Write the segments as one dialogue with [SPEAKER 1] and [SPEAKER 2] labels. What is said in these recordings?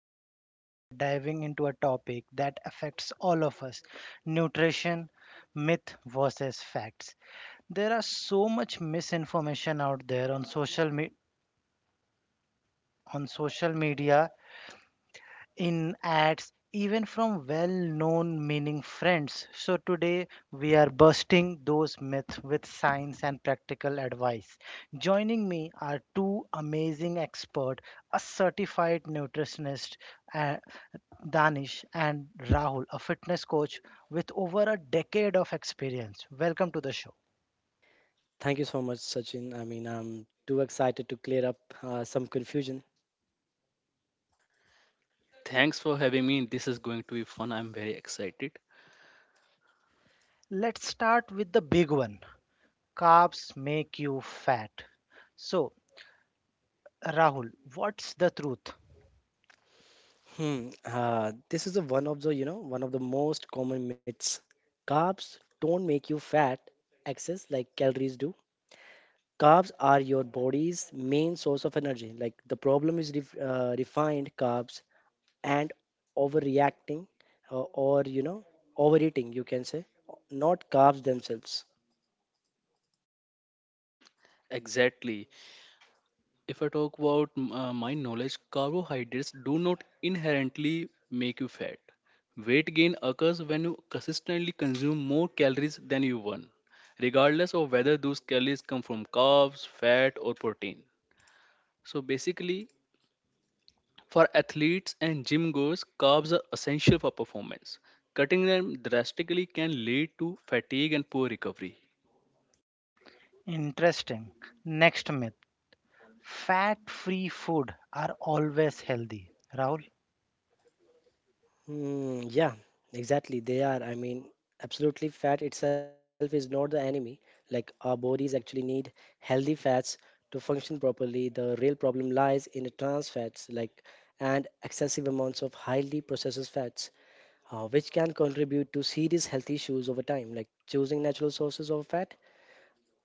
[SPEAKER 1] and today we are diving into a topic that affects all of us: nutrition, myth versus facts. There are so much misinformation out there on on social media, in ads, even from well known meaning friends. So, today we are busting those myths with science and practical advice. Joining me are two amazing experts: a certified nutritionist, uh, Danish, and Rahul, a fitness coach with over a decade of experience. Welcome to the show.
[SPEAKER 2] Thank you so much, Sachin. I'm too excited to clear up some confusion.
[SPEAKER 3] Thanks for having me. This is going to be fun. I'm very excited.
[SPEAKER 1] Let's start with the big one: carbs make you fat. So, Rahul, what's the truth?
[SPEAKER 2] Hmm. This is a one of the one of the most common myths. Carbs don't make you fat. Excess calories do. Carbs are your body's main source of energy. Like, the problem is refined carbs and overreacting, or overeating, you can say, not carbs themselves.
[SPEAKER 3] Exactly. If I talk about my knowledge, carbohydrates do not inherently make you fat. Weight gain occurs when you consistently consume more calories than you burn, regardless of whether those calories come from carbs, fat, or protein. So basically, for athletes and gym goers, carbs are essential for performance. Cutting them drastically can lead to fatigue and poor recovery.
[SPEAKER 1] Interesting. Next myth: fat free food are always healthy, Rahul.
[SPEAKER 2] Yeah, exactly. They are. Absolutely, fat itself is not the enemy. Like, our bodies actually need healthy fats to function properly. The real problem lies in the trans fats, like, and excessive amounts of highly processed fats, which can contribute to serious health issues over time. Like, choosing natural sources of fat,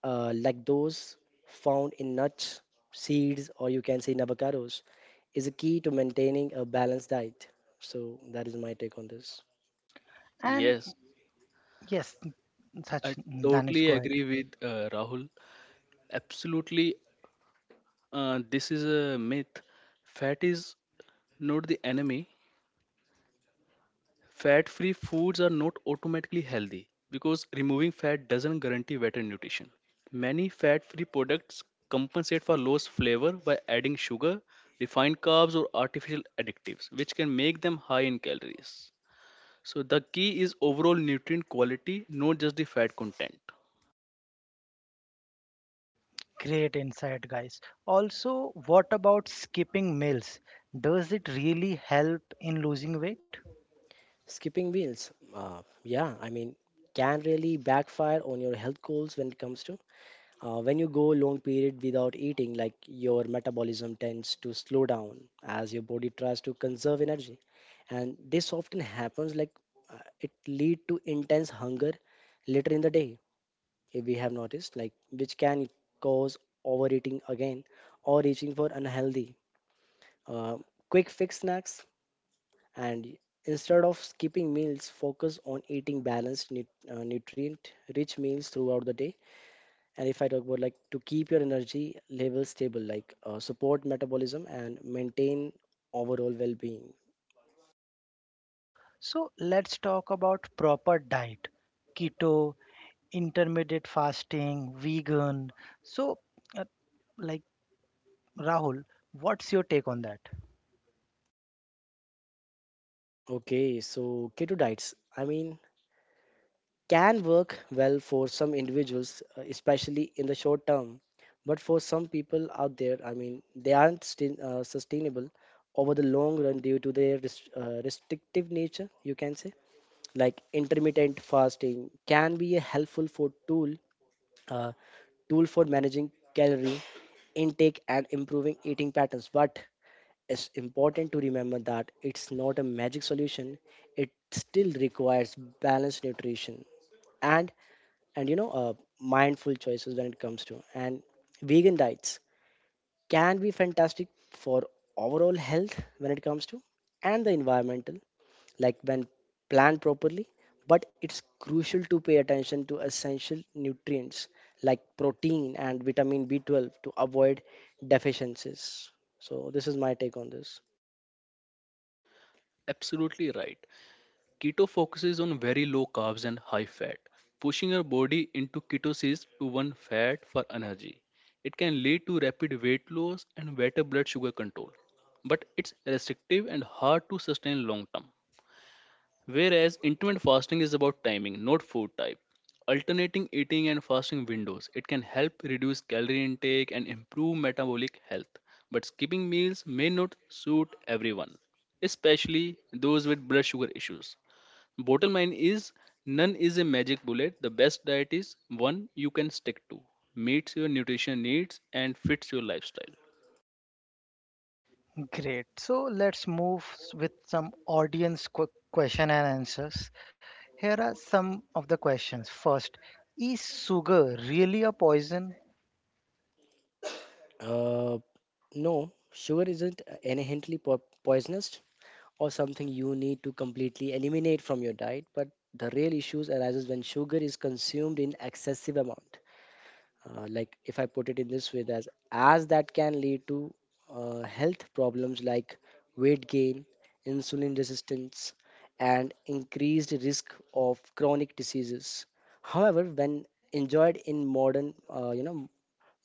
[SPEAKER 2] like those found in nuts, seeds, or you can say in avocados, is a key to maintaining a balanced diet. So, that is my take on this.
[SPEAKER 1] And
[SPEAKER 3] Yes,
[SPEAKER 1] yes, such
[SPEAKER 3] I
[SPEAKER 1] Danish,
[SPEAKER 3] totally
[SPEAKER 1] go ahead.
[SPEAKER 3] agree with Rahul. Absolutely, this is a myth. Fat is not the enemy. Fat free foods are not automatically healthy because removing fat doesn't guarantee better nutrition. Many fat free products compensate for lost flavor by adding sugar, refined carbs, or artificial additives, which can make them high in calories. So, the key is overall nutrient quality, not just the fat content.
[SPEAKER 1] Great insight, guys. Also, what about skipping meals? Does it really help in losing weight?
[SPEAKER 2] Skipping meals, yeah, can really backfire on your health goals when it comes to, when you go long period without eating. Like, your metabolism tends to slow down as your body tries to conserve energy, and this often happens, like, it lead to intense hunger later in the day, if we have noticed, like, which can cause overeating again, or reaching for unhealthy, uh, quick fix snacks. And instead of skipping meals, focus on eating balanced nutrient rich meals throughout the day. And if I talk about, like, to keep your energy level stable, like, support metabolism and maintain overall well-being.
[SPEAKER 1] So, let's talk about proper diet: keto, intermittent fasting, vegan. So, uh, like Rahul, what's your take on that?
[SPEAKER 2] Okay, so keto diets, can work well for some individuals, especially in the short term, but for some people out there, they aren't sustainable over the long run due to their restrictive nature, you can say. Like, intermittent fasting can be a helpful for tool uh, tool for managing calorie intake and improving eating patterns, but it's important to remember that it's not a magic solution. It still requires balanced nutrition and and you know uh, mindful choices when it comes to. And vegan diets can be fantastic for overall health when it comes to, and the environmental, like, when planned properly, but it's crucial to pay attention to essential nutrients like protein and vitamin B12 to avoid deficiencies. So, this is my take on this.
[SPEAKER 3] Absolutely right. Keto focuses on very low carbs and high fat, pushing your body into ketosis to burn fat for energy. It can lead to rapid weight loss and better blood sugar control, but it's restrictive and hard to sustain long term. Whereas intermittent fasting is about timing, not food type. Alternating eating and fasting windows, it can help reduce calorie intake and improve metabolic health, but skipping meals may not suit everyone, especially those with blood sugar issues. Bottom line is, none is a magic bullet. The best diet is one you can stick to, meets your nutrition needs, and fits your lifestyle.
[SPEAKER 1] Great. So let's move with some audience question and answers. Here are some of the questions. First, is sugar really a poison?
[SPEAKER 2] uh, no, sugar isn't inherently poisonous or something you need to completely eliminate from your diet, but the real issues arises when sugar is consumed in excessive amount. Like, if I put it in this way, as that can lead to health problems like weight gain, insulin resistance, and increased risk of chronic diseases. However, when enjoyed in modern you know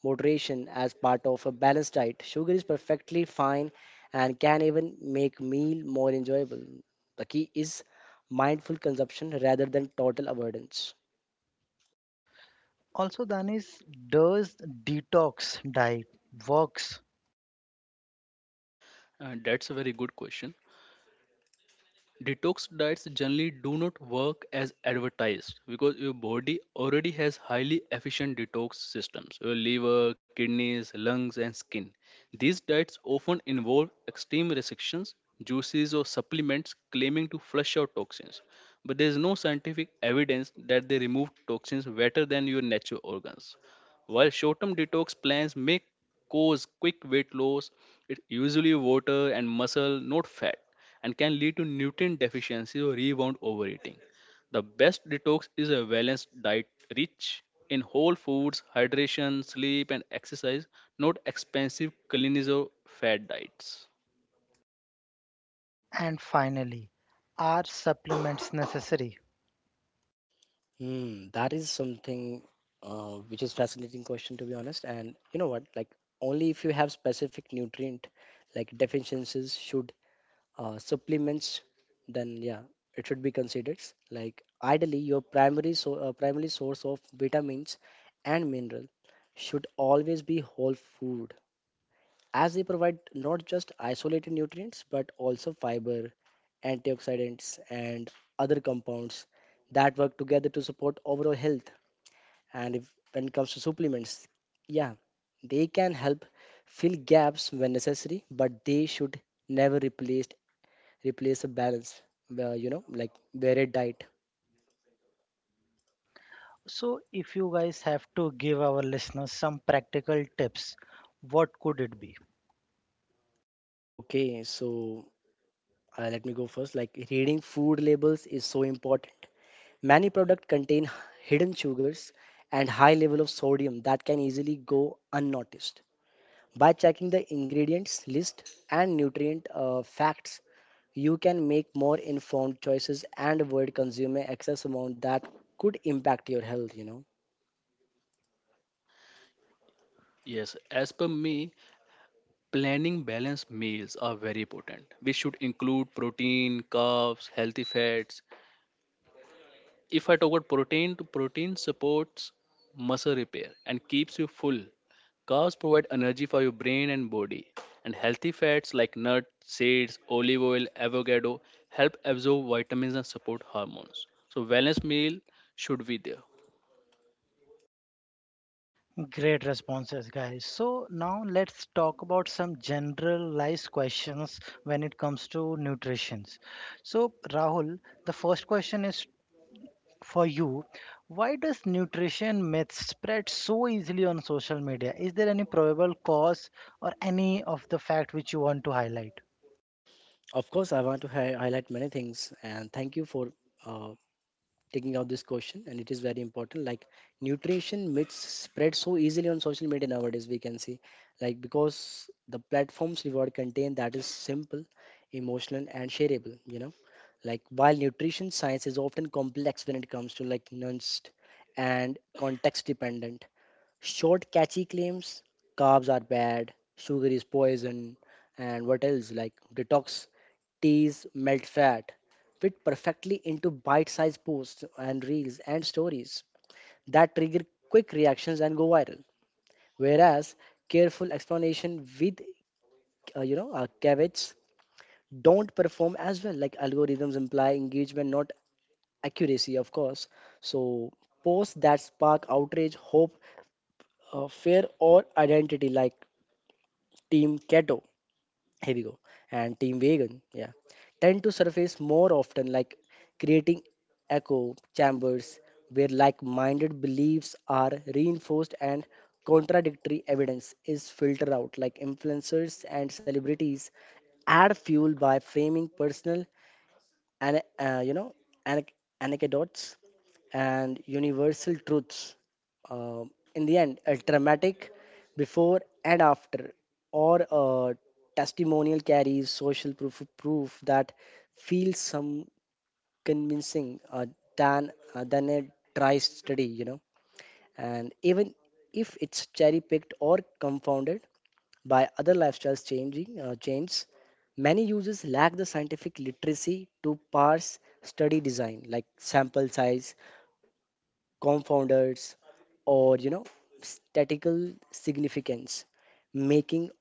[SPEAKER 2] moderation as part of a balanced diet, sugar is perfectly fine and can even make meal more enjoyable. The key is mindful consumption rather than total avoidance.
[SPEAKER 1] Also, Danis, does detox diet works?
[SPEAKER 3] And that's a very good question. Detox diets generally do not work as advertised because your body already has highly efficient detox systems, your liver, kidneys, lungs, and skin. These diets often involve extreme restrictions, juices, or supplements claiming to flush out toxins, but there is no scientific evidence that they remove toxins better than your natural organs. While short-term detox plans may cause quick weight loss, it usually water and muscle, not fat, and can lead to nutrient deficiency or rebound overeating. The best detox is a balanced diet rich in whole foods, hydration, sleep, and exercise, not expensive cleanse or fad diets.
[SPEAKER 1] And finally, are supplements necessary?
[SPEAKER 2] That is something, which is fascinating question, to be honest. And you know what? Like, only if you have specific nutrient like deficiencies should, supplements, then yeah, it should be considered. Like, ideally, your primary primary source of vitamins and mineral should always be whole food, as they provide not just isolated nutrients but also fiber, antioxidants, and other compounds that work together to support overall health. And if, when it comes to supplements, yeah, they can help fill gaps when necessary, but they should never replace a balance, like, varied diet.
[SPEAKER 1] So, if you guys have to give our listeners some practical tips, what could it be?
[SPEAKER 2] Okay, so let me go first. Like, reading food labels is so important. Many products contain hidden sugars and high level of sodium that can easily go unnoticed. By checking the ingredients list and nutrient, facts, you can make more informed choices and avoid consuming excess amount that could impact your health, you know.
[SPEAKER 3] Yes, as per me, planning balanced meals are very important. We should include protein, carbs, healthy fats. If I talk about protein, to protein supports muscle repair and keeps you full. Carbs provide energy for your brain and body. And healthy fats like nuts, seeds, olive oil, avocado help absorb vitamins and support hormones. So wellness meal should be there.
[SPEAKER 1] Great responses, guys. So now let's talk about some generalized questions when it comes to nutrition. So, Rahul, the first question is for you. Why does nutrition myth spread so easily on social media? Is there any probable cause or any of the fact which you want to highlight?
[SPEAKER 2] Of course, I want to highlight many things, and thank you for uh, taking out this question, and it is very important. Like, nutrition myths spread so easily on social media nowadays, we can see, like, because the platforms reward content that is simple, emotional, and shareable, you know, like, while nutrition science is often complex when it comes to, like, nuanced and context dependent. Short, catchy claims: carbs are bad, sugar is poison, and what else, like detox teas melt fat, fit perfectly into bite-sized posts and reels and stories that trigger quick reactions and go viral. Whereas careful explanation with, caveats, don't perform as well. Like, algorithms imply engagement, not accuracy, of course. So, posts that spark outrage, hope, fear, or identity, like Team Keto, here we go, and Team Vegan, yeah, tend to surface more often. Like, creating echo chambers where like minded beliefs are reinforced and contradictory evidence is filtered out. Like, influencers and celebrities add fuel by framing personal and, anec- anecdotes and universal truths. In the end, a dramatic before and after, or a testimonial carries social proof, that feels some convincing, than a dry study, you know. And even if it's cherry picked or confounded by other lifestyles changing changes, many users lack the scientific literacy to parse study design, like sample size, confounders, or you know statical significance, making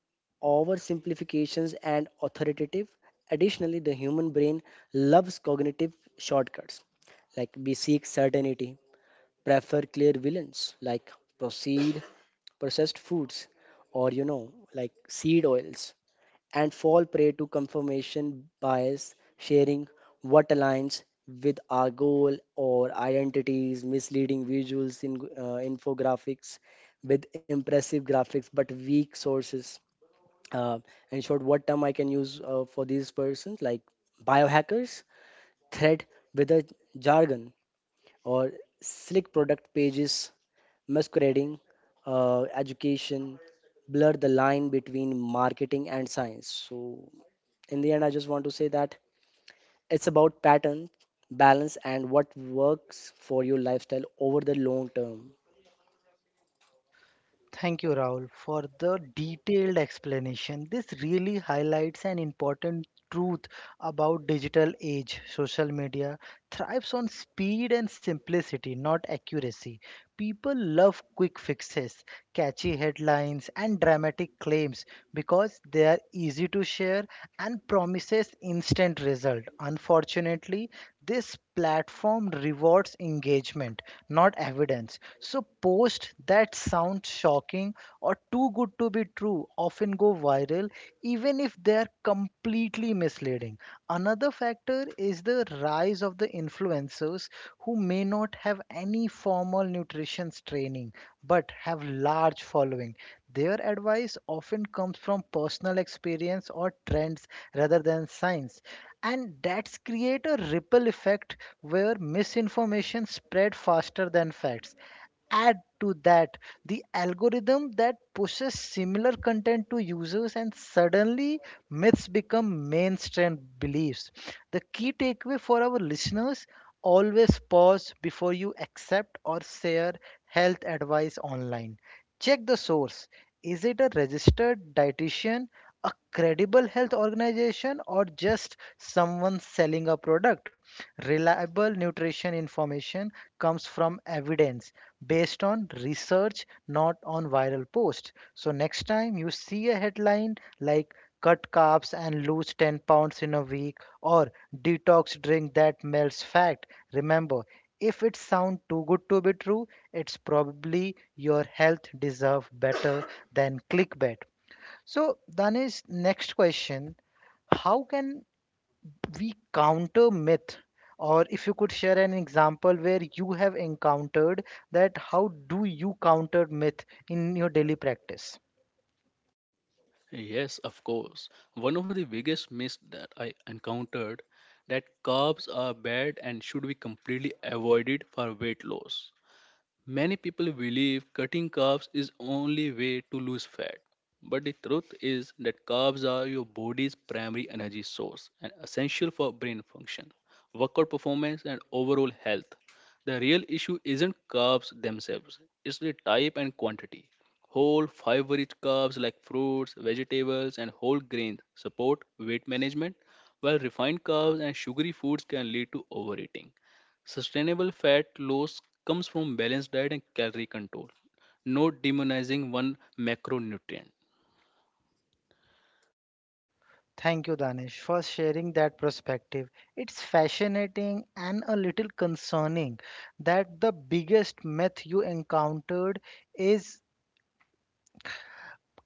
[SPEAKER 2] oversimplifications and authoritative. Additionally, the human brain loves cognitive shortcuts. Like, we seek certainty, prefer clear villains, like proceed processed foods, or you know like seed oils, and fall prey to confirmation bias, sharing what aligns with our goal or identities, misleading visuals in, infographics with impressive graphics but weak sources. Uh, in short, what term I can use, for these persons, like biohackers, thread with a jargon, or slick product pages masquerading, education, blur the line between marketing and science. So, in the end, I just want to say that it's about pattern, balance, and what works for your lifestyle over the long term.
[SPEAKER 1] Thank you, Rahul, for the detailed explanation. This really highlights an important truth about digital age. Social media thrives on speed and simplicity, not accuracy. People love quick fixes, catchy headlines, and dramatic claims because they are easy to share and promises instant result. Unfortunately, this platform rewards engagement, not evidence. So posts that sound shocking or too good to be true often go viral, even if they are completely misleading. Another factor is the rise of the influencers who may not have any formal nutrition training but have large following. Their advice often comes from personal experience or trends rather than science, and that's create a ripple effect where misinformation spread faster than facts. Add to that the algorithm that pushes similar content to users, and suddenly myths become mainstream beliefs. The key takeaway for our listeners: always pause before you accept or share health advice online. Check the source. Is it a registered dietitian, a credible health organization, or just someone selling a product? Reliable nutrition information comes from evidence based on research, not on viral posts. So next time you see a headline like cut carbs and lose 10 pounds in a week or detox drink that melts fat, remember, if it sounds too good to be true, it's probably your health deserves better than clickbait. So Danish, next question. How can we counter myth, or if you could share an example where you have encountered that, how do you counter myth in your daily practice?
[SPEAKER 3] Yes, of course. One of the biggest myths that I encountered that carbs are bad and should be completely avoided for weight loss. Many people believe cutting carbs is only way to lose fat. But the truth is that carbs are your body's primary energy source and essential for brain function, workout performance and overall health. The real issue isn't carbs themselves, it's the type and quantity. Whole fiber-rich carbs like fruits, vegetables and whole grains support weight management, while refined carbs and sugary foods can lead to overeating. Sustainable fat loss comes from balanced diet and calorie control, not demonizing one macronutrient.
[SPEAKER 1] Thank you, Danish, for sharing that perspective. It's fascinating and a little concerning that the biggest myth you encountered is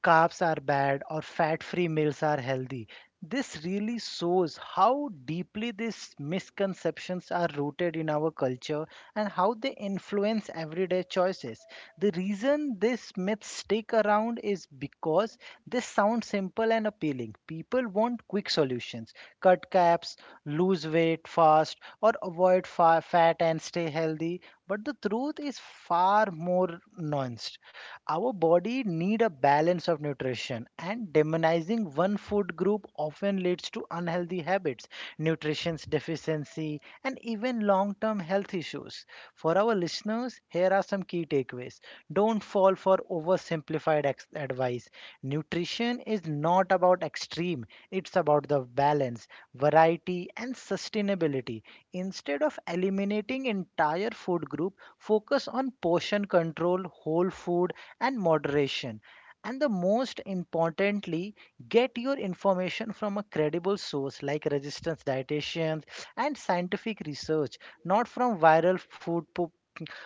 [SPEAKER 1] carbs are bad or fat free meals are healthy. This really shows how deeply these misconceptions are rooted in our culture and how they influence everyday choices. The reason these myths stick around is because they sound simple and appealing. People want quick solutions: cut caps, lose weight fast, or fat and stay healthy. But the truth is far more nuanced. Our body need a balance of nutrition, and demonizing one food group often leads to unhealthy habits, nutrition deficiency, and even long-term health issues. For our listeners, here are some key takeaways. Don't fall for oversimplified advice. Nutrition is not about extreme, it's about the balance, variety, and sustainability. Instead of eliminating entire food group, focus on portion control, whole food, and moderation. And the most importantly, get your information from a credible source like resistance dietitians and scientific research, not from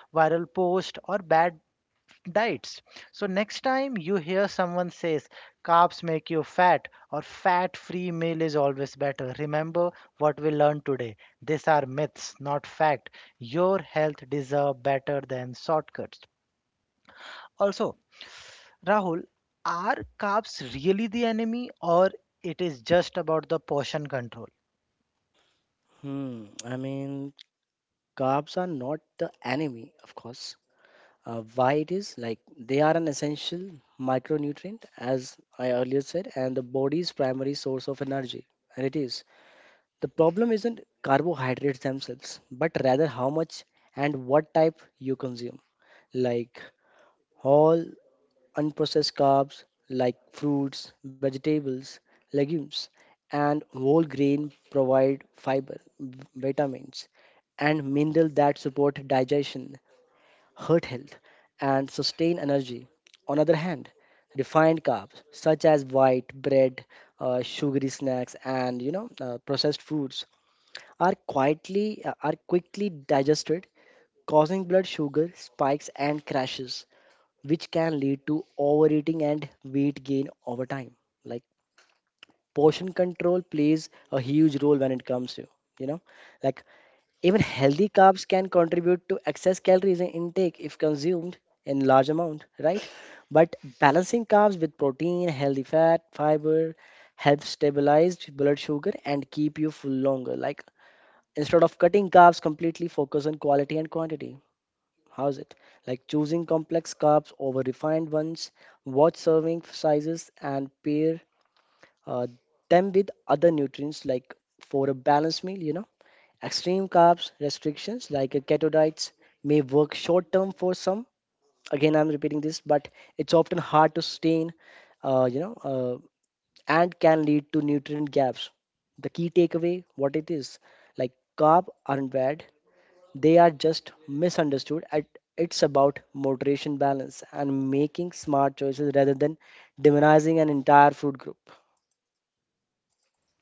[SPEAKER 1] viral post or bad diets. So next time you hear someone says carbs make you fat or fat-free meal is always better, remember what we learned today. These are myths, not fact. Your health deserve better than shortcuts. Also, Rahul, are carbs really the enemy or it is just about the portion control?
[SPEAKER 2] Hmm. I mean, carbs are not the enemy, of course. Why it is, like, they are an essential micronutrient, as I earlier said, and the body's primary source of energy. And it is. The problem isn't carbohydrates themselves, but rather how much and what type you consume. Like, whole unprocessed carbs like fruits, vegetables, legumes, and whole grain provide fiber, vitamins, and minerals that support digestion, heart health, and sustain energy. On other hand, refined carbs such as white bread, sugary snacks, and processed foods are quietly are quickly digested, causing blood sugar spikes and crashes, which can lead to overeating and weight gain over time. Like, portion control plays a huge role when it comes to, you know, like, even healthy carbs can contribute to excess calories in intake if consumed in large amount, right? But balancing carbs with protein, healthy fat, fiber helps stabilize blood sugar and keep you full longer. Like, instead of cutting carbs completely, focus on quality and quantity. How's it? Like, choosing complex carbs over refined ones, watch serving sizes, and pair, uh, them with other nutrients, like, for a balanced meal, you know. Extreme carbs restrictions, like, keto diets may work short term for some. Again, I'm repeating this, but it's often hard to sustain, uh, you know, uh, and can lead to nutrient gaps. The key takeaway, what it is, like, carb aren't bad, they are just misunderstood at. It's about moderation, balance, and making smart choices rather than demonizing an entire food group.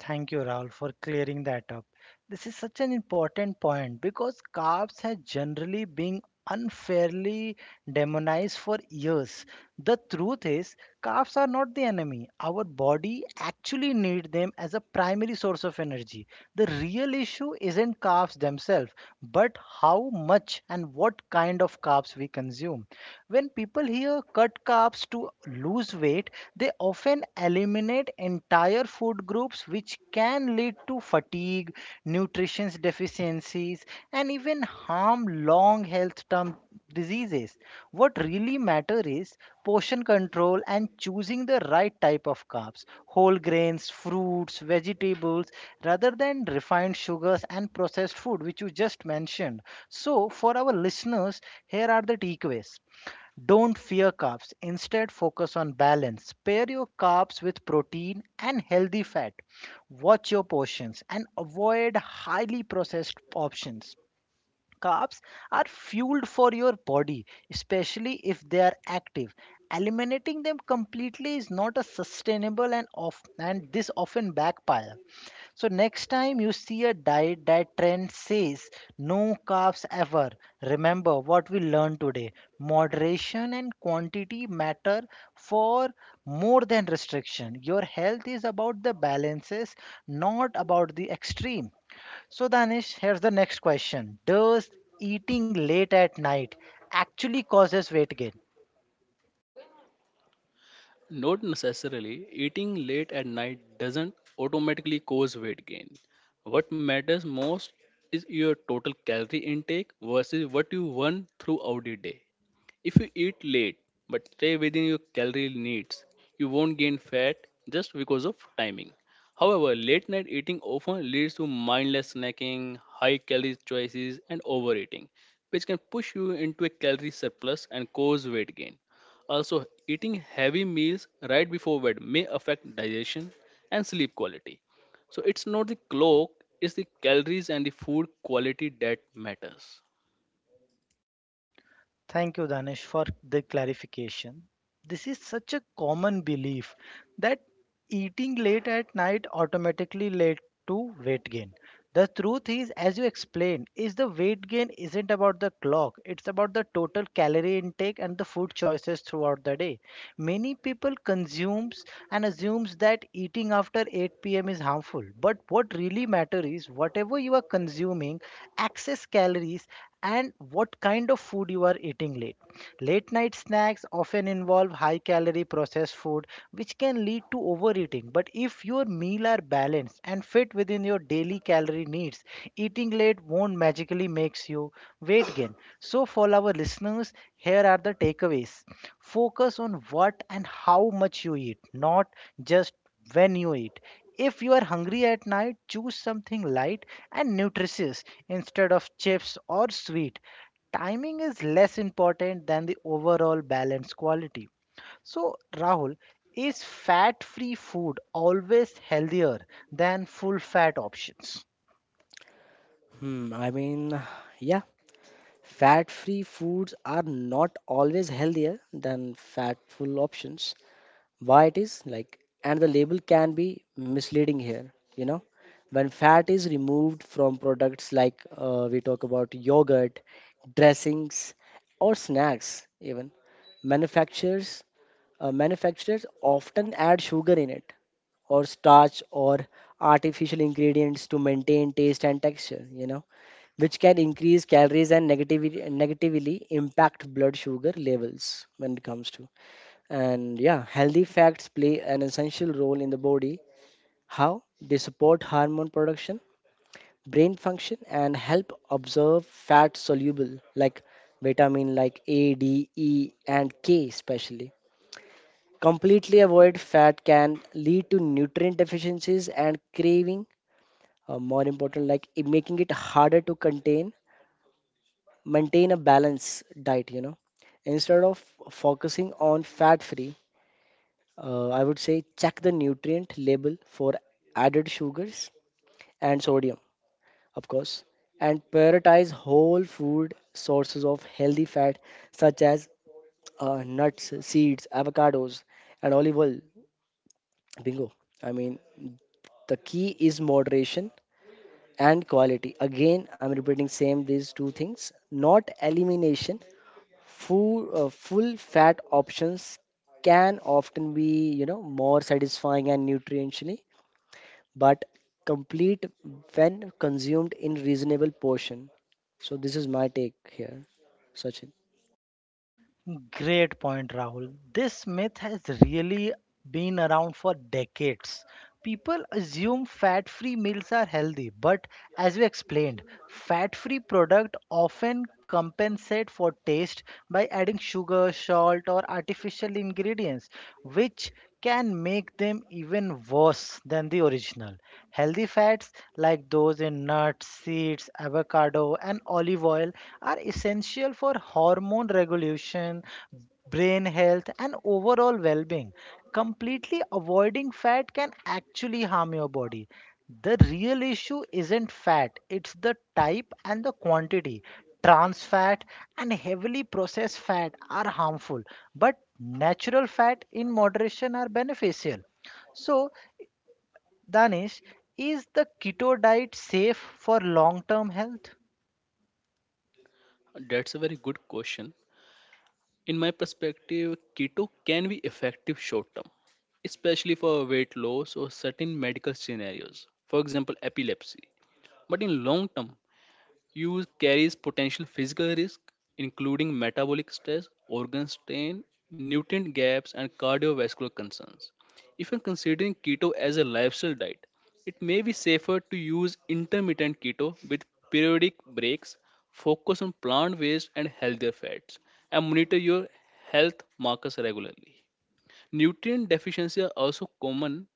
[SPEAKER 1] Thank you, Rahul, for clearing that up. This is such an important point because carbs have generally been unfairly demonized for years. The truth is, carbs are not the enemy. Our body actually needs them as a primary source of energy. The real issue isn't carbs themselves, but how much and what kind of carbs we consume. When people here cut carbs to lose weight, they often eliminate entire food groups, which can lead to fatigue, nutrition deficiencies, and even harm long health term diseases. What really matter is portion control and choosing the right type of carbs, whole grains, fruits, vegetables, rather than refined sugars and processed food, which you just mentioned. So, for our listeners, here are the takeaways. Don't fear carbs. Instead, focus on balance. Pair your carbs with protein and healthy fat. Watch your portions and avoid highly processed options. Carbs are fuel for your body, especially if they are active. Eliminating them completely is not a sustainable and off, and this often backfire. So next time you see a diet that trend says no carbs ever, remember what we learned today. Moderation and quantity matter for more than restriction. Your health is about the balances, not about the extreme. So, Danish, here's the next question: does eating late at night actually causes weight gain?
[SPEAKER 3] Not necessarily. Eating late at night doesn't automatically cause weight gain. What matters most is your total calorie intake versus what you burn throughout the day. If you eat late but stay within your calorie needs, you won't gain fat just because of timing. However, late night eating often leads to mindless snacking, high calorie choices, and overeating, which can push you into a calorie surplus and cause weight gain. Also, eating heavy meals right before bed may affect digestion and sleep quality. So, it's not the clock, it's the calories and the food quality that matters.
[SPEAKER 1] Thank you, Danish, for the clarification. This is such a common belief that eating late at night automatically led to weight gain. The truth is, as you explained, is the weight gain isn't about the clock. It's about the total calorie intake and the food choices throughout the day. Many people consumes and assumes that eating after 8 p.m. is harmful. But what really matters is whatever you are consuming, excess calories, and what kind of food you are eating late. Late night snacks often involve high calorie processed food, which can lead to overeating. But if your meal are balanced and fit within your daily calorie needs, eating late won't magically makes you weight gain. So for our listeners, here are the takeaways. Focus on what and how much you eat, not just when you eat. If you are hungry at night, choose something light and nutritious instead of chips or sweet. Timing is less important than the overall balance quality. So, Rahul, is fat free food always healthier than full fat options?
[SPEAKER 2] hmm, i mean yeah, fat free foods are not always healthier than fatful options. Why it is, like, and the label can be misleading here, you know. When fat is removed from products, like, we talk about yogurt, dressings, or snacks, even manufacturers manufacturers often add sugar in it, or starch, or artificial ingredients to maintain taste and texture, you know, which can increase calories and negatively impact blood sugar levels when it comes to. And yeah, healthy fats play an essential role in the body. How? They support hormone production, brain function, and help observe fat soluble, like vitamin like A, D, E, and K especially. Completely avoid fat can lead to nutrient deficiencies and craving. More important, like, it making it harder to maintain a balanced diet. You know, instead of focusing on fat-free, I would say check the nutrient label for added sugars and sodium, of course, and prioritize whole food sources of healthy fat, such as, nuts, seeds, avocados, and olive oil. Bingo. I mean, the key is moderation and quality, again, I'm repeating same these two things, not elimination. full full fat options can often be, you know, more satisfying and nutritionally, but complete, when consumed in reasonable portion. So, this is my take here, Sachin.
[SPEAKER 1] Great point, Rahul. This myth has really been around for decades. People assume fat free meals are healthy, but as we explained, fat free products often compensate for taste by adding sugar, salt, or artificial ingredients, which can make them even worse than the original. Healthy fats like those in nuts, seeds, avocado, and olive oil are essential for hormone regulation, brain health, and overall well being. Completely avoiding fat can actually harm your body. The real issue isn't fat, it's the type and the quantity. Trans fat and heavily processed fat are harmful, but natural fat in moderation are beneficial. So, Danish, is the keto diet safe for long term health?
[SPEAKER 3] That's a very good question. In my perspective, keto can be effective short term, especially for weight loss or certain medical scenarios, for example, epilepsy. But in long term, use carries potential physical risk, including metabolic stress, organ strain, nutrient gaps, and cardiovascular concerns. If you're considering keto as a lifestyle diet, it may be safer to use intermittent keto with periodic breaks, focus on plant based and healthier fats, and monitor your health markers regularly. Nutrient deficiencies are also common.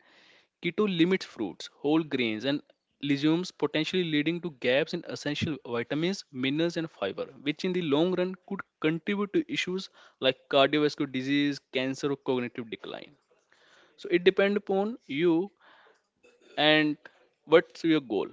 [SPEAKER 3] Keto limits fruits, whole grains, and legumes, potentially leading to gaps in essential vitamins, minerals, and fiber, which in the long run could contribute to issues like cardiovascular disease, cancer, or cognitive decline. So it depends upon you and what's your goal.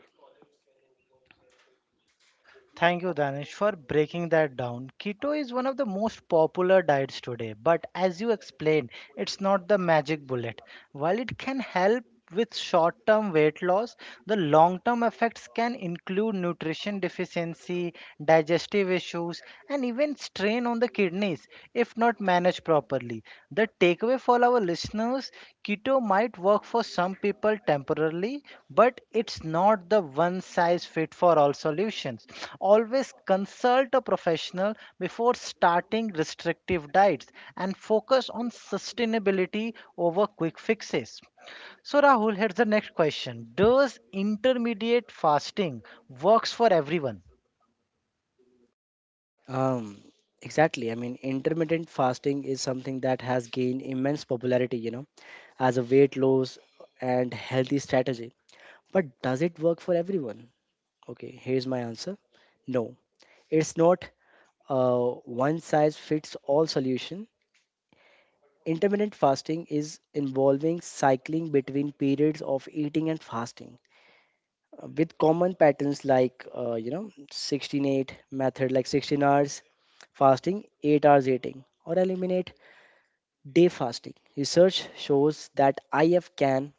[SPEAKER 1] Thank you, Danish, for breaking that down. Keto is one of the most popular diets today, but as you explained, it's not the magic bullet. While it can help with short term weight loss, the long term effects can include nutrition deficiency, digestive issues, and even strain on the kidneys if not managed properly. The takeaway for our listeners listeners, keto might work for some people temporarily, but it's not the one size fit for all solutions. Always consult a professional before starting restrictive diets and focus on sustainability over quick fixes. So Rahul, here's the next question. Does intermediate fasting works for everyone?
[SPEAKER 2] um, exactly. Intermittent fasting is something that has gained immense popularity, you know, as a weight loss and healthy strategy. But does it work for everyone? Okay, here's my answer. No, it's not a one size fits all solution. Intermittent fasting is involving cycling between periods of eating and fasting with common patterns like 16:8 method, like 16 hours fasting, 8 hours eating, or eliminate day fasting. Research shows that if can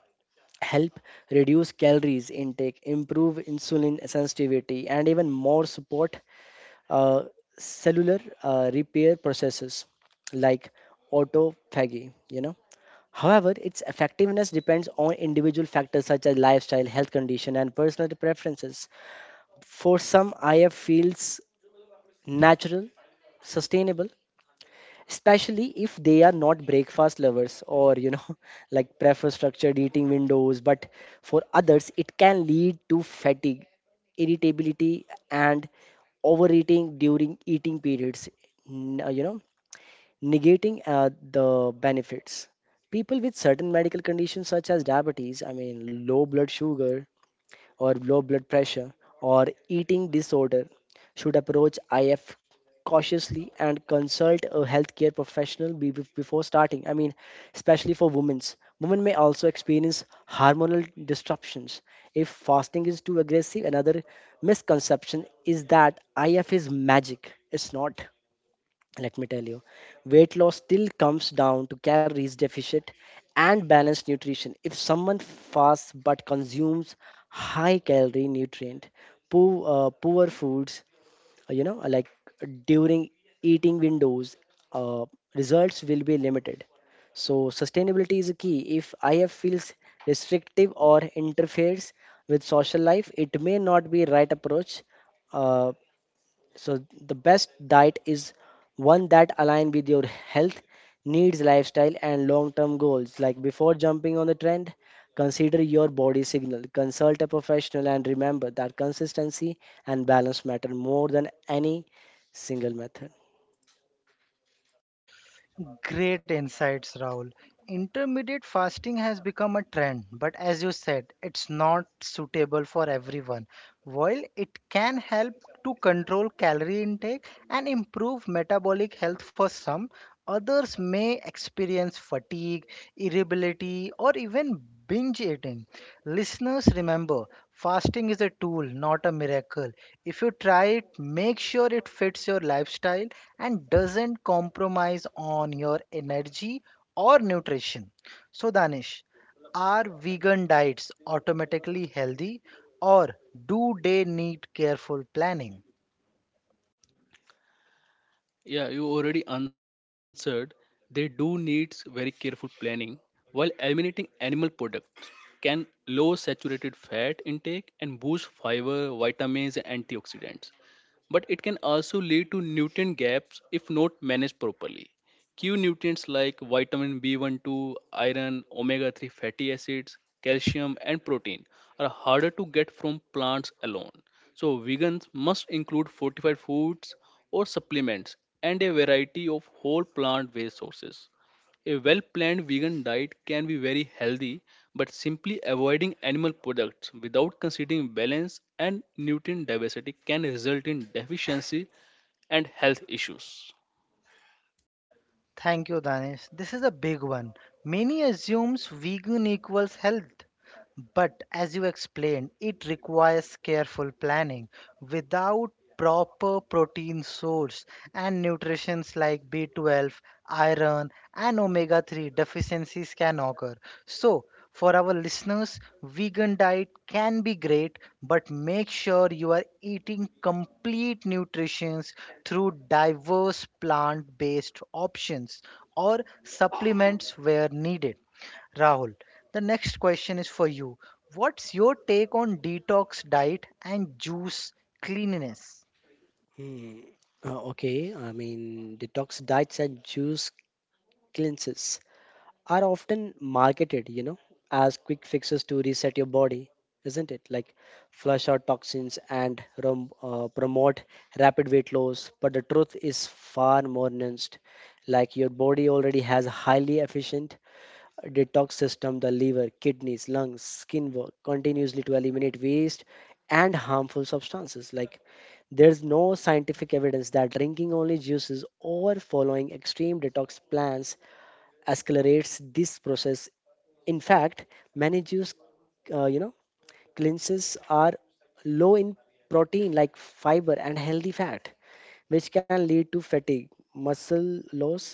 [SPEAKER 2] help reduce calories intake, improve insulin sensitivity, and even more support uh, cellular repair processes like autophagy, you know. However, its effectiveness depends on individual factors such as lifestyle, health condition, and personal preferences. For some, IF feels natural, sustainable, especially if they are not breakfast lovers, or like prefer structured eating windows. But for others it can lead to fatigue, irritability, and overeating during eating periods, n- uh, you know negating the benefits. People with certain medical conditions such as diabetes, I mean low blood sugar or low blood pressure or eating disorder, should approach IF cautiously and consult a healthcare professional before starting. I mean, especially for women's. Women may also experience hormonal disruptions if fasting is too aggressive. Another misconception is that IF is magic. It's not, let me tell you. Weight loss still comes down to calories deficit and balanced nutrition. If someone fasts but consumes high calorie nutrient poor foods, like during eating windows, uh, results will be limited. So sustainability is a key. If feels restrictive or interferes with social life, it may not be right approach. Uh, so the best diet is one that align with your health needs, lifestyle, and long term goals. Like before jumping on the trend, consider your body signal, consult a professional, and remember that consistency and balance matter more than any single method.
[SPEAKER 1] Great insights, Rahul. Intermediate fasting has become a trend, but as you said, it's not suitable for everyone. While it can help to control calorie intake and improve metabolic health for some, others may experience fatigue, irritability, or even binge eating. Listeners, remember, fasting is a tool, not a miracle. If you try it, make sure it fits your lifestyle and doesn't compromise on your energy or nutrition. So, Danish, are vegan diets automatically healthy or do they need careful planning?
[SPEAKER 3] Yeah, you already answered. They do need very careful planning. While eliminating animal products can lower saturated fat intake and boost fiber, vitamins, and antioxidants, but it can also lead to nutrient gaps if not managed properly. Key nutrients like vitamin B12, iron, omega 3 fatty acids, calcium, and protein are harder to get from plants alone. So, vegans must include fortified foods or supplements and a variety of whole plant based sources. A well planned vegan diet can be very healthy, but simply avoiding animal products without considering balance and nutrient diversity can result in deficiency and health issues.
[SPEAKER 1] Thank you, Danish. This is a big one. Many assumes vegan equals health, but as you explained, it requires careful planning. Without proper protein source and nutrients like B12, iron, and omega 3 deficiencies can occur. So, for our listeners, vegan diet can be great, but make sure you are eating complete nutrients through diverse plant based options or supplements where needed. Rahul, the next question is for you. What's your take on detox diet and juice cleanliness?
[SPEAKER 2] Hmm. Okay, I mean detox diets and juice cleanses are often marketed, you know, as quick fixes to reset your body, isn't it? Like flush out toxins and promote rapid weight loss. But the truth is far more nuanced. Like your body already has a highly efficient detox system. The liver, kidneys, lungs, skin work continuously to eliminate waste and harmful substances. Like there's no scientific evidence that drinking only juices or following extreme detox plans accelerates this process. In fact, many juice, uh, you know, cleanses are low in protein like fiber and healthy fat, which can lead to fatigue, muscle loss,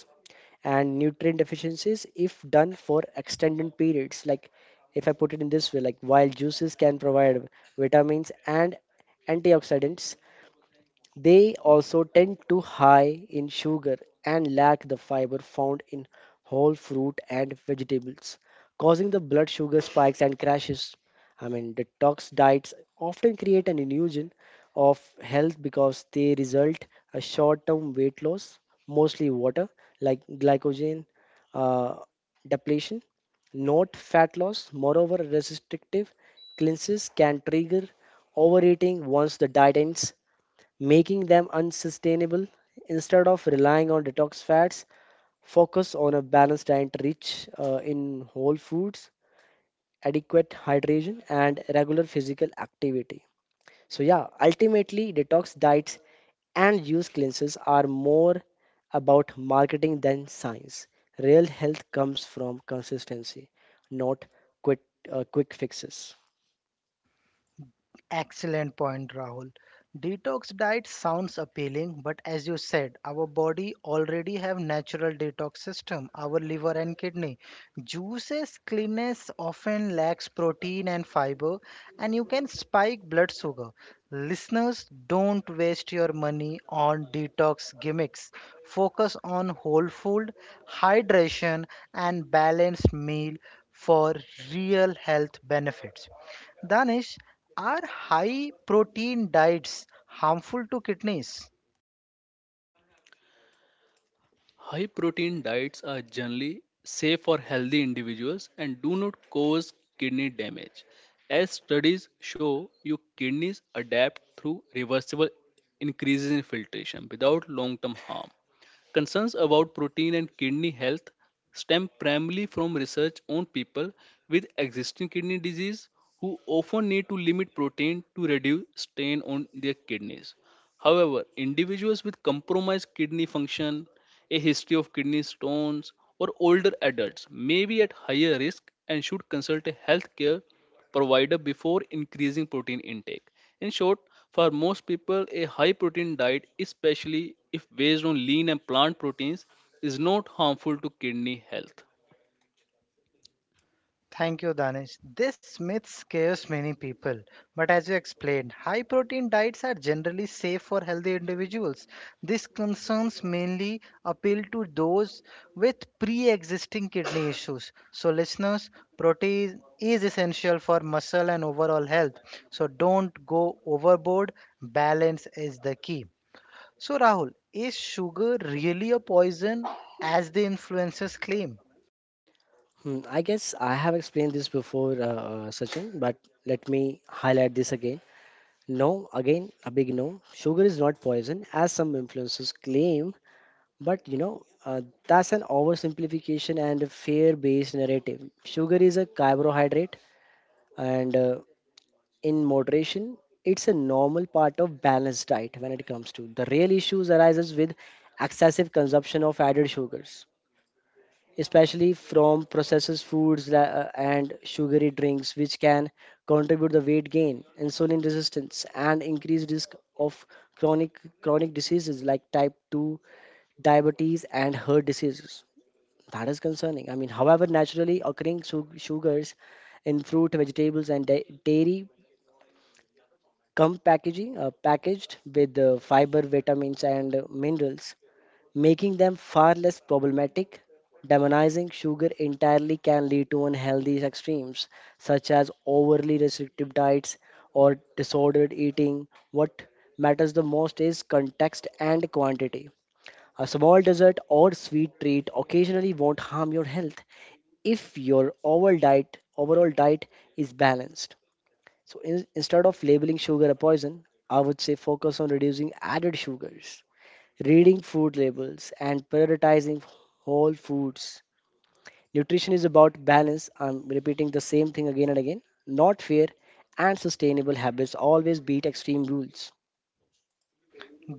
[SPEAKER 2] and nutrient deficiencies if done for extended periods. Like, if I put it in this way, like while juices can provide vitamins and antioxidants, they also tend to high in sugar and lack the fiber found in whole fruit and vegetables, causing the blood sugar spikes and crashes. I mean, detox diets often create an illusion of health because they result a short-term weight loss, mostly water, like glycogen uh, depletion, not fat loss. Moreover, restrictive cleanses can trigger overeating once the diet ends, making them unsustainable. Instead of relying on detox fats, focus on a balanced diet rich in whole foods, adequate hydration, and regular physical activity. So, yeah, ultimately, detox diets and juice cleanses are more about marketing than science. Real health comes from consistency, not quick, quick fixes.
[SPEAKER 1] Excellent point, Rahul. Detox diet sounds appealing, but as you said, our body already have natural detox system, our liver and kidney. Juices cleanness often lacks protein and fiber, and you can spike blood sugar. Listeners, don't waste your money on detox gimmicks. Focus on whole food, hydration, and balanced meal for real health benefits. Danish, are high protein diets harmful to kidneys?
[SPEAKER 3] High protein diets are generally safe for healthy individuals and do not cause kidney damage. As studies show, your kidneys adapt through reversible increases in filtration without long term harm. Concerns about protein and kidney health stem primarily from research on people with existing kidney disease who often need to limit protein to reduce strain on their kidneys. However, individuals with compromised kidney function, a history of kidney stones, or older adults may be at higher risk and should consult a healthcare provider before increasing protein intake. In short, for most people, a high protein diet, especially if based on lean and plant proteins, is not harmful to kidney health.
[SPEAKER 1] Thank you, Danish. This myth scares many people, but as you explained, high protein diets are generally safe for healthy individuals. These concerns mainly appeal to those with pre existing kidney issues. So, listeners, protein is essential for muscle and overall health. So, don't go overboard. Balance is the key. So, Rahul, is sugar really a poison as the influencers claim?
[SPEAKER 2] Hmm, I guess I have explained this before, Sachin, but let me highlight this again. No, again, a big no. Sugar is not poison, as some influencers claim, but you know, that's an oversimplification and a fear based narrative. Sugar is a carbohydrate, and in moderation, it's a normal part of balanced diet when it comes to. The real issues arises with excessive consumption of added sugars, especially from processed foods and sugary drinks, which can contribute the weight gain, insulin resistance, and increased risk of chronic diseases like type 2 diabetes and heart diseases. That is concerning. I mean, however, naturally occurring sugars in fruit, vegetables, and dairy come packaging packaged with fiber, vitamins, and minerals, making them far less problematic. Demonizing sugar entirely can lead to unhealthy extremes, such as overly restrictive diets or disordered eating. What matters the most is context and quantity. A small dessert or sweet treat occasionally won't harm your health if your overall diet is balanced. So instead of labeling sugar a poison, I would say focus on reducing added sugars, reading food labels, and prioritizing whole foods. Nutrition is about balance. I'm repeating the same thing again and again. Not fair and sustainable habits always beat extreme rules.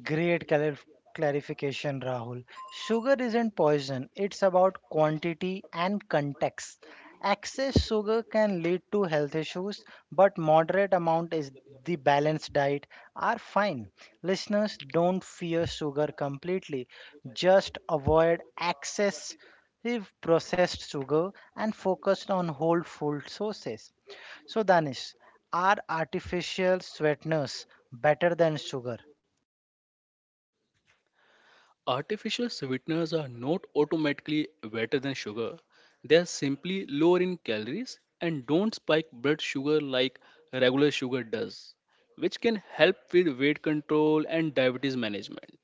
[SPEAKER 1] Great clarification, Rahul. Sugar isn't poison, it's about quantity and context. Excess sugar can lead to health issues, but moderate amount is the balanced diet are fine. Listeners, don't fear sugar completely. Just avoid excessive processed sugar and focus on whole food sources. So, Danish, are artificial sweeteners better than sugar?
[SPEAKER 3] Artificial sweeteners are not automatically better than sugar. They are simply lower in calories and don't spike blood sugar like regular sugar does, which can help with weight control and diabetes management.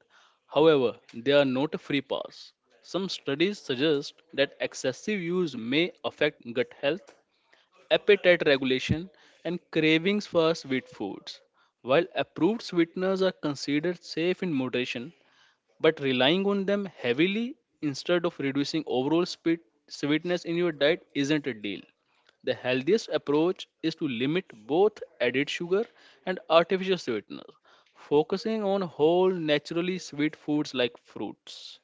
[SPEAKER 3] However, they are not a free pass. Some studies suggest that excessive use may affect gut health, appetite regulation, and cravings for sweet foods. While approved sweeteners are considered safe in moderation, but relying on them heavily instead of reducing overall sweetness in your diet isn't a deal. The healthiest approach is to limit both added sugar and artificial sweeteners, focusing on whole naturally sweet foods like fruits.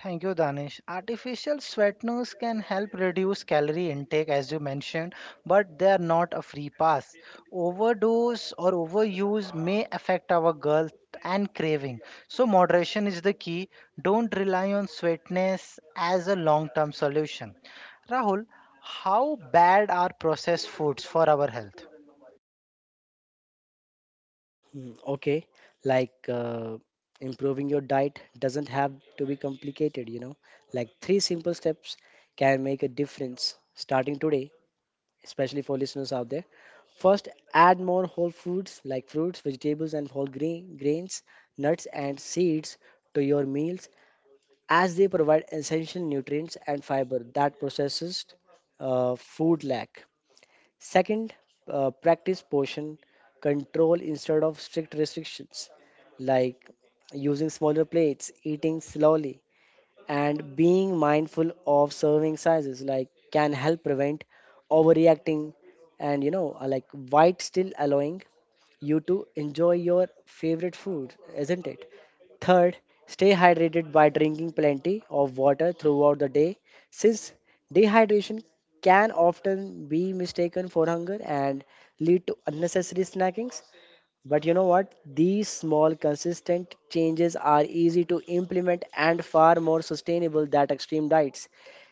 [SPEAKER 1] Thank you, Danish. Artificial sweeteners can help reduce calorie intake, as you mentioned, but they are not a free pass. Overdose or overuse may affect our gut and craving. So, moderation is the key. Don't rely on sweetness as a long term solution. Rahul, how bad are processed foods for our health?
[SPEAKER 2] Hmm, okay, like improving your diet doesn't have to be complicated, you know. Like 3 simple steps can make a difference starting today, especially for listeners out there. First, add more whole foods like fruits, vegetables, and grains, nuts, and seeds to your meals, as they provide essential nutrients and fiber that processed food lack. Second, practice portion control instead of strict restrictions, like using smaller plates, eating slowly, and being mindful of serving sizes, like can help prevent overreacting and like white still allowing you to enjoy your favorite food, isn't it. Third, stay hydrated by drinking plenty of water throughout the day, since dehydration can often be mistaken for hunger and lead to unnecessary snacking. But you know what? These small, consistent changes are easy to implement and far more sustainable than extreme diets,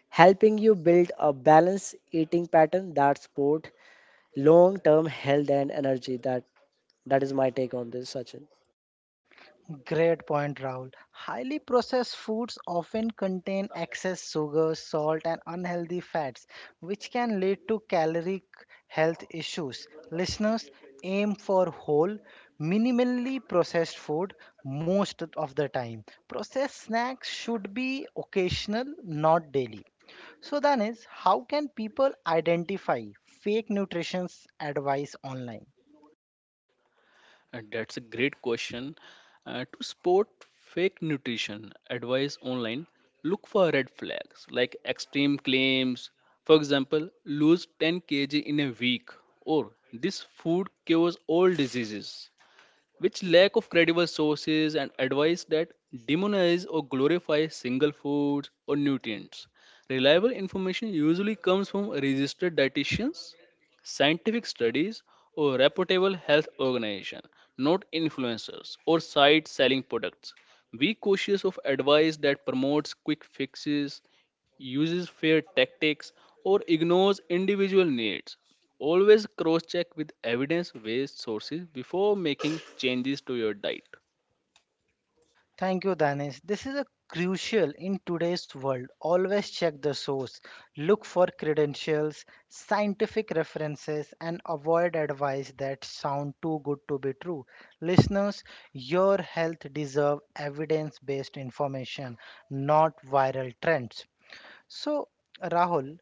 [SPEAKER 2] helping you build a balanced eating pattern that support long-term health and energy. That is my take on this, Sachin.
[SPEAKER 1] Great point, Rahul. Highly processed foods often contain excess sugar, salt, and unhealthy fats, which can lead to caloric health issues. Listeners, aim for whole, minimally processed food most of the time. Processed snacks should be occasional, not daily. So, then is how can people identify fake nutrition advice online?
[SPEAKER 3] That's a great question. To spot fake nutrition advice online, look for red flags like extreme claims. For example, lose 10 kg in a week, or this food cures all diseases, which lack of credible sources and advice that demonize or glorify single foods or nutrients. Reliable information usually comes from registered dietitians, scientific studies, or reputable health organization, not influencers or sites selling products. Be cautious of advice that promotes quick fixes, uses fear tactics, or ignores individual needs. Always cross check with evidence based sources before making changes to your diet.
[SPEAKER 1] Thank you, Danesh. This is a crucial in today's world. Always check the source, look for credentials, scientific references, and avoid advice that sound too good to be true. Listeners, your health deserve evidence-based information, not viral trends. So, Rahul,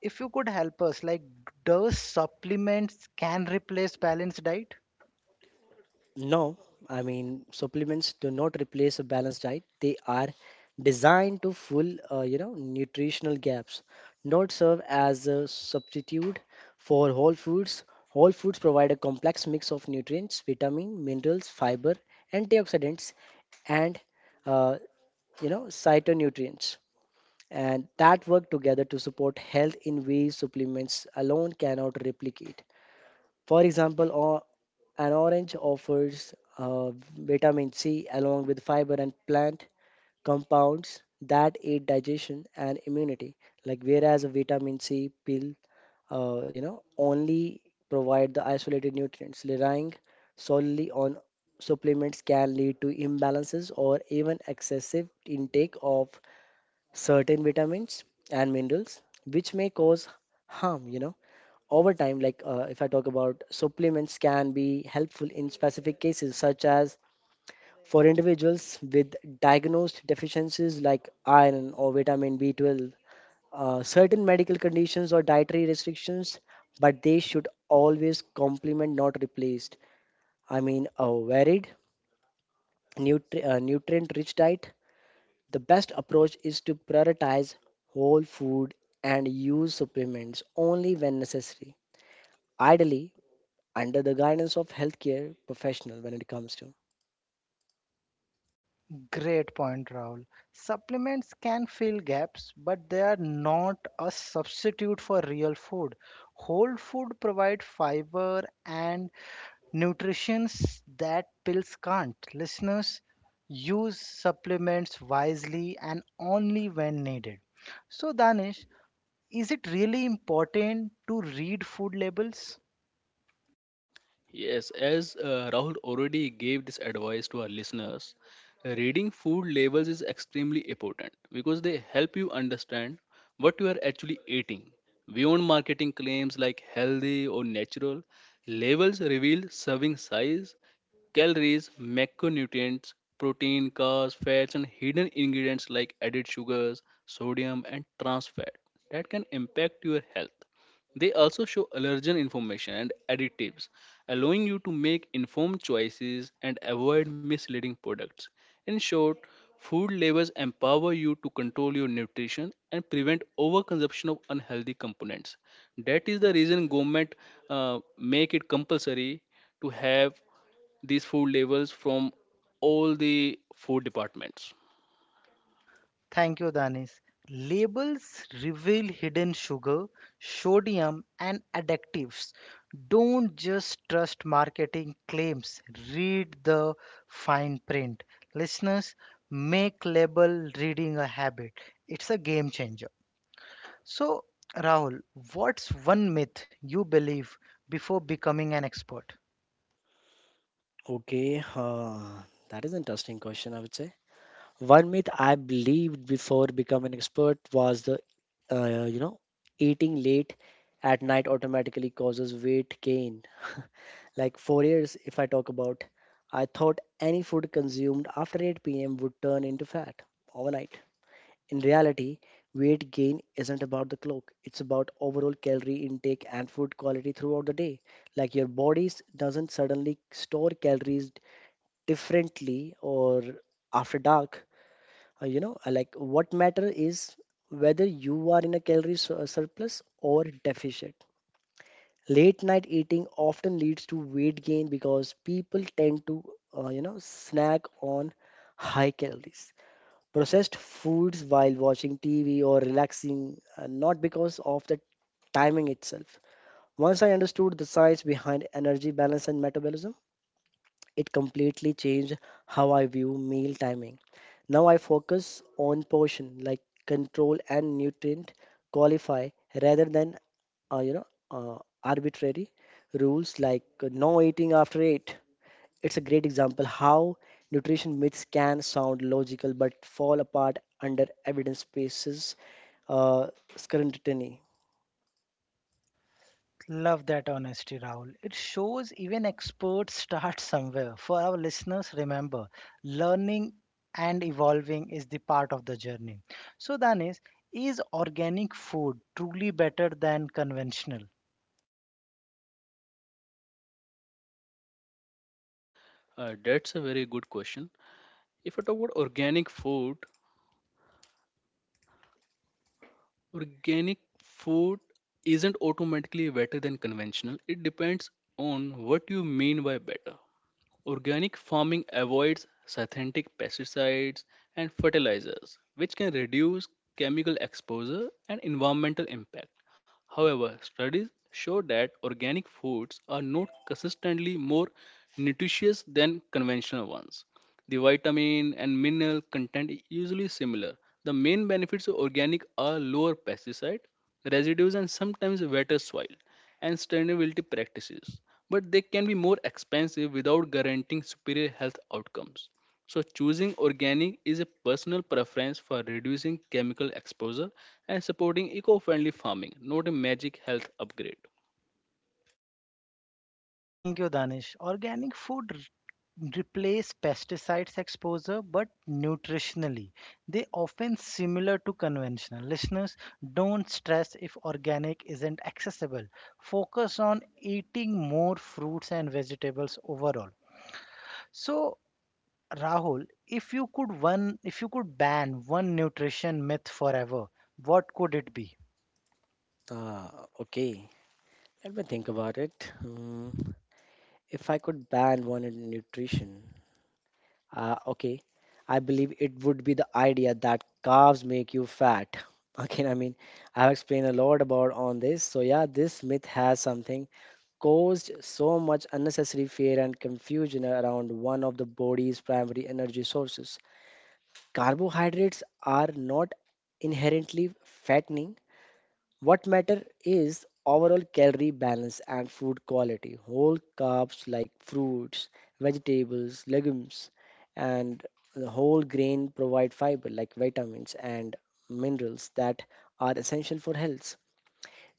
[SPEAKER 1] if you could help us, like, does supplements can replace balanced diet?
[SPEAKER 2] No, I mean supplements do not replace a balanced diet. They are designed to fill, nutritional gaps, not serve as a substitute for whole foods. Whole foods provide a complex mix of nutrients, vitamin, minerals, fiber, antioxidants, and uh, cytonutrients, and that work together to support health in ways supplements alone cannot replicate. For example, an orange offers vitamin C along with fiber and plant compounds that aid digestion and immunity. Like whereas a vitamin C pill, only provide the isolated nutrients. Relying solely on supplements can lead to imbalances or even excessive intake of certain vitamins and minerals, which may cause harm, you know, over time. Like if I talk about supplements, can be helpful in specific cases, such as for individuals with diagnosed deficiencies like iron or vitamin B12, certain medical conditions or dietary restrictions, but they should always complement, not replace, I mean, a varied, nutrient rich diet. The best approach is to prioritize whole food and use supplements only when necessary, ideally under the guidance of healthcare professional when it comes to?
[SPEAKER 1] Great point, Rahul. Supplements can fill gaps, but they are not a substitute for real food. Whole food provide fiber and nutrients that pills can't. Listeners, use supplements wisely and only when needed. So, Danish, is it really important to read food labels?
[SPEAKER 3] Yes, as Rahul already gave this advice to our listeners, reading food labels is extremely important because they help you understand what you are actually eating. Beyond marketing claims like healthy or natural, labels reveal serving size, calories, macronutrients, protein, carbs, fats, and hidden ingredients like added sugars, sodium, and trans fat that can impact your health. They also show allergen information and additives, allowing you to make informed choices and avoid misleading products. In short, food labels empower you to control your nutrition and prevent overconsumption of unhealthy components. That is the reason government make it compulsory to have these food labels from all the food departments.
[SPEAKER 1] Thank you, Danis. Labels reveal hidden sugar, sodium, and additives. Don't just trust marketing claims, read the fine print. Listeners, make label reading a habit. It's a game changer. So, Rahul, what's one myth you believe before becoming an expert?
[SPEAKER 2] Okay, that is an interesting question, I would say. One myth I believed before becoming an expert was uh, you know, eating late at night automatically causes weight gain. Like 4 years, if I talk about, I thought any food consumed after 8 p.m. would turn into fat overnight. In reality, weight gain isn't about the clock, it's about overall calorie intake and food quality throughout the day. Like your body doesn't suddenly store calories differently or after dark. You know, like what matter is whether you are in a calorie surplus or deficit. Late night eating often leads to weight gain because people tend to, snack on high calories processed foods while watching TV or relaxing, not because of the timing itself. Once I understood the science behind energy balance and metabolism, it completely changed how I view meal timing. Now I focus on portion like control and nutrient qualify rather than uh, you know uh, arbitrary rules like no eating after 8. It's a great example how nutrition myths can sound logical but fall apart under evidence bases uh, scrutiny.
[SPEAKER 1] Love that honesty, Rahul. It shows even experts start somewhere. For our listeners, remember, learning and evolving is the part of the journey. So, Danis, is organic food truly better than conventional?
[SPEAKER 3] That's a very good question. If I talk about organic food, organic food isn't automatically better than conventional. It depends on what you mean by better. Organic farming avoids synthetic pesticides and fertilizers, which can reduce chemical exposure and environmental impact. However, studies show that organic foods are not consistently more nutritious than conventional ones. The vitamin and mineral content is usually similar. The main benefits of organic are lower pesticide residues and sometimes better soil and sustainability practices. But they can be more expensive without guaranteeing superior health outcomes. So choosing organic is a personal preference for reducing chemical exposure and supporting eco-friendly farming, not a magic health upgrade.
[SPEAKER 1] Thank you, Danish. Organic food replace pesticides exposure, but nutritionally, they often similar to conventional. Listeners, don't stress if organic isn't accessible. Focus on eating more fruits and vegetables overall. So, Rahul, if you could ban one nutrition myth forever, what could it be?
[SPEAKER 2] Ah, okay. Let me think about it. Hmm. If I could ban one in nutrition, okay, I believe it would be the idea that carbs make you fat. Again, I mean, I've explained a lot about on this. So yeah, this myth has something caused so much unnecessary fear and confusion around one of the body's primary energy sources. Carbohydrates are not inherently fattening. What matter is overall calorie balance and food quality. Whole carbs like fruits, vegetables, legumes, and the whole grain provide fiber like vitamins and minerals that are essential for health.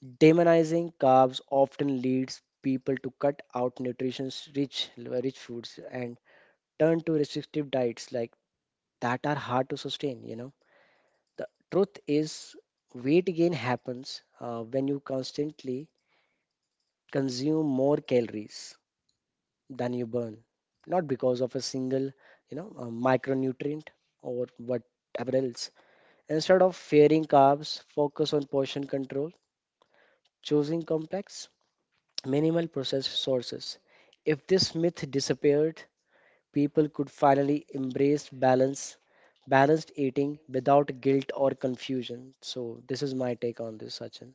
[SPEAKER 2] Demonizing carbs often leads people to cut out nutrition-rich rich foods and turn to restrictive diets like that are hard to sustain. You know, the truth is, weight gain happens when you constantly consume more calories than you burn, not because of a single, you know, uh, micronutrient or whatever else. Instead of fearing carbs, focus on portion control, choosing complex minimal processed sources. If this myth disappeared, people could finally embrace balanced eating without guilt or confusion. So this is my take on this, Sachin.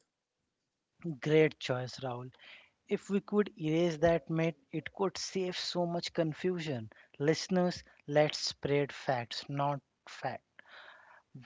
[SPEAKER 1] Great choice, Rahul. If we could erase that myth, it could save so much confusion. Listeners, let's spread facts, not fat.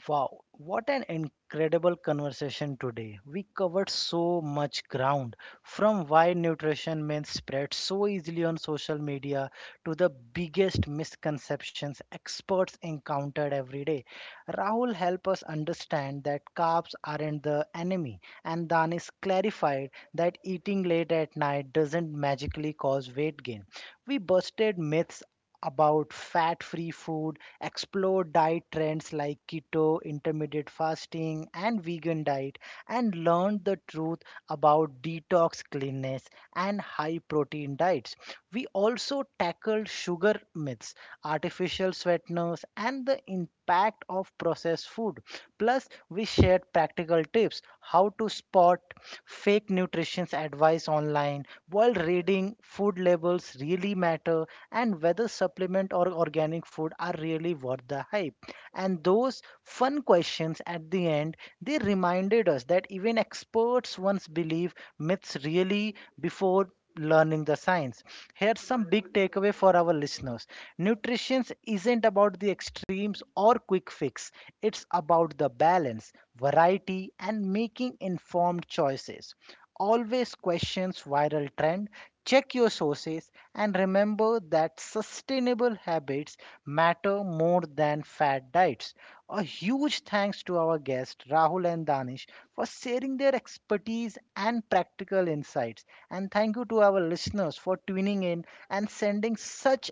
[SPEAKER 1] Wow, what an incredible conversation today. We covered so much ground from why nutrition myths spread so easily on social media to the biggest misconceptions experts encountered every day. Rahul helped us understand that carbs aren't the enemy, and Danis clarified that eating late at night doesn't magically cause weight gain. We busted myths about fat free food, explore diet trends like keto, intermittent fasting, and vegan diet, and learn the truth about detox, cleanness, and high protein diets. We also tackled sugar myths, artificial sweeteners, and the impact of processed food. Plus, we shared practical tips how to spot fake nutrition's advice online while reading food labels really matter and whether supplement or organic food are really worth the hype. And those fun questions at the end, they reminded us that even experts once believe myths really before learning the science. Here's some big takeaway for our listeners. Nutrition isn't about the extremes or quick fix. It's about the balance, variety and making informed choices. Always questions viral trend, check your sources and remember that sustainable habits matter more than fad diets. A huge thanks to our guests Rahul and Danish for sharing their expertise and practical insights and thank you to our listeners for tuning in and sending such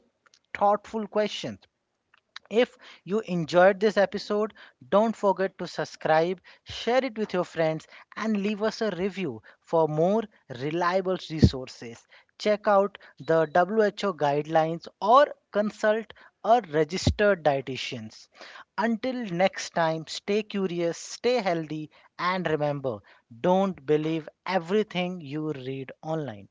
[SPEAKER 1] thoughtful questions. If you enjoyed this episode, don't forget to subscribe, share it with your friends, and leave us a review for more reliable resources. Check out the WHO guidelines or consult a registered dietitian. Until next time, stay curious, stay healthy, and remember don't believe everything you read online.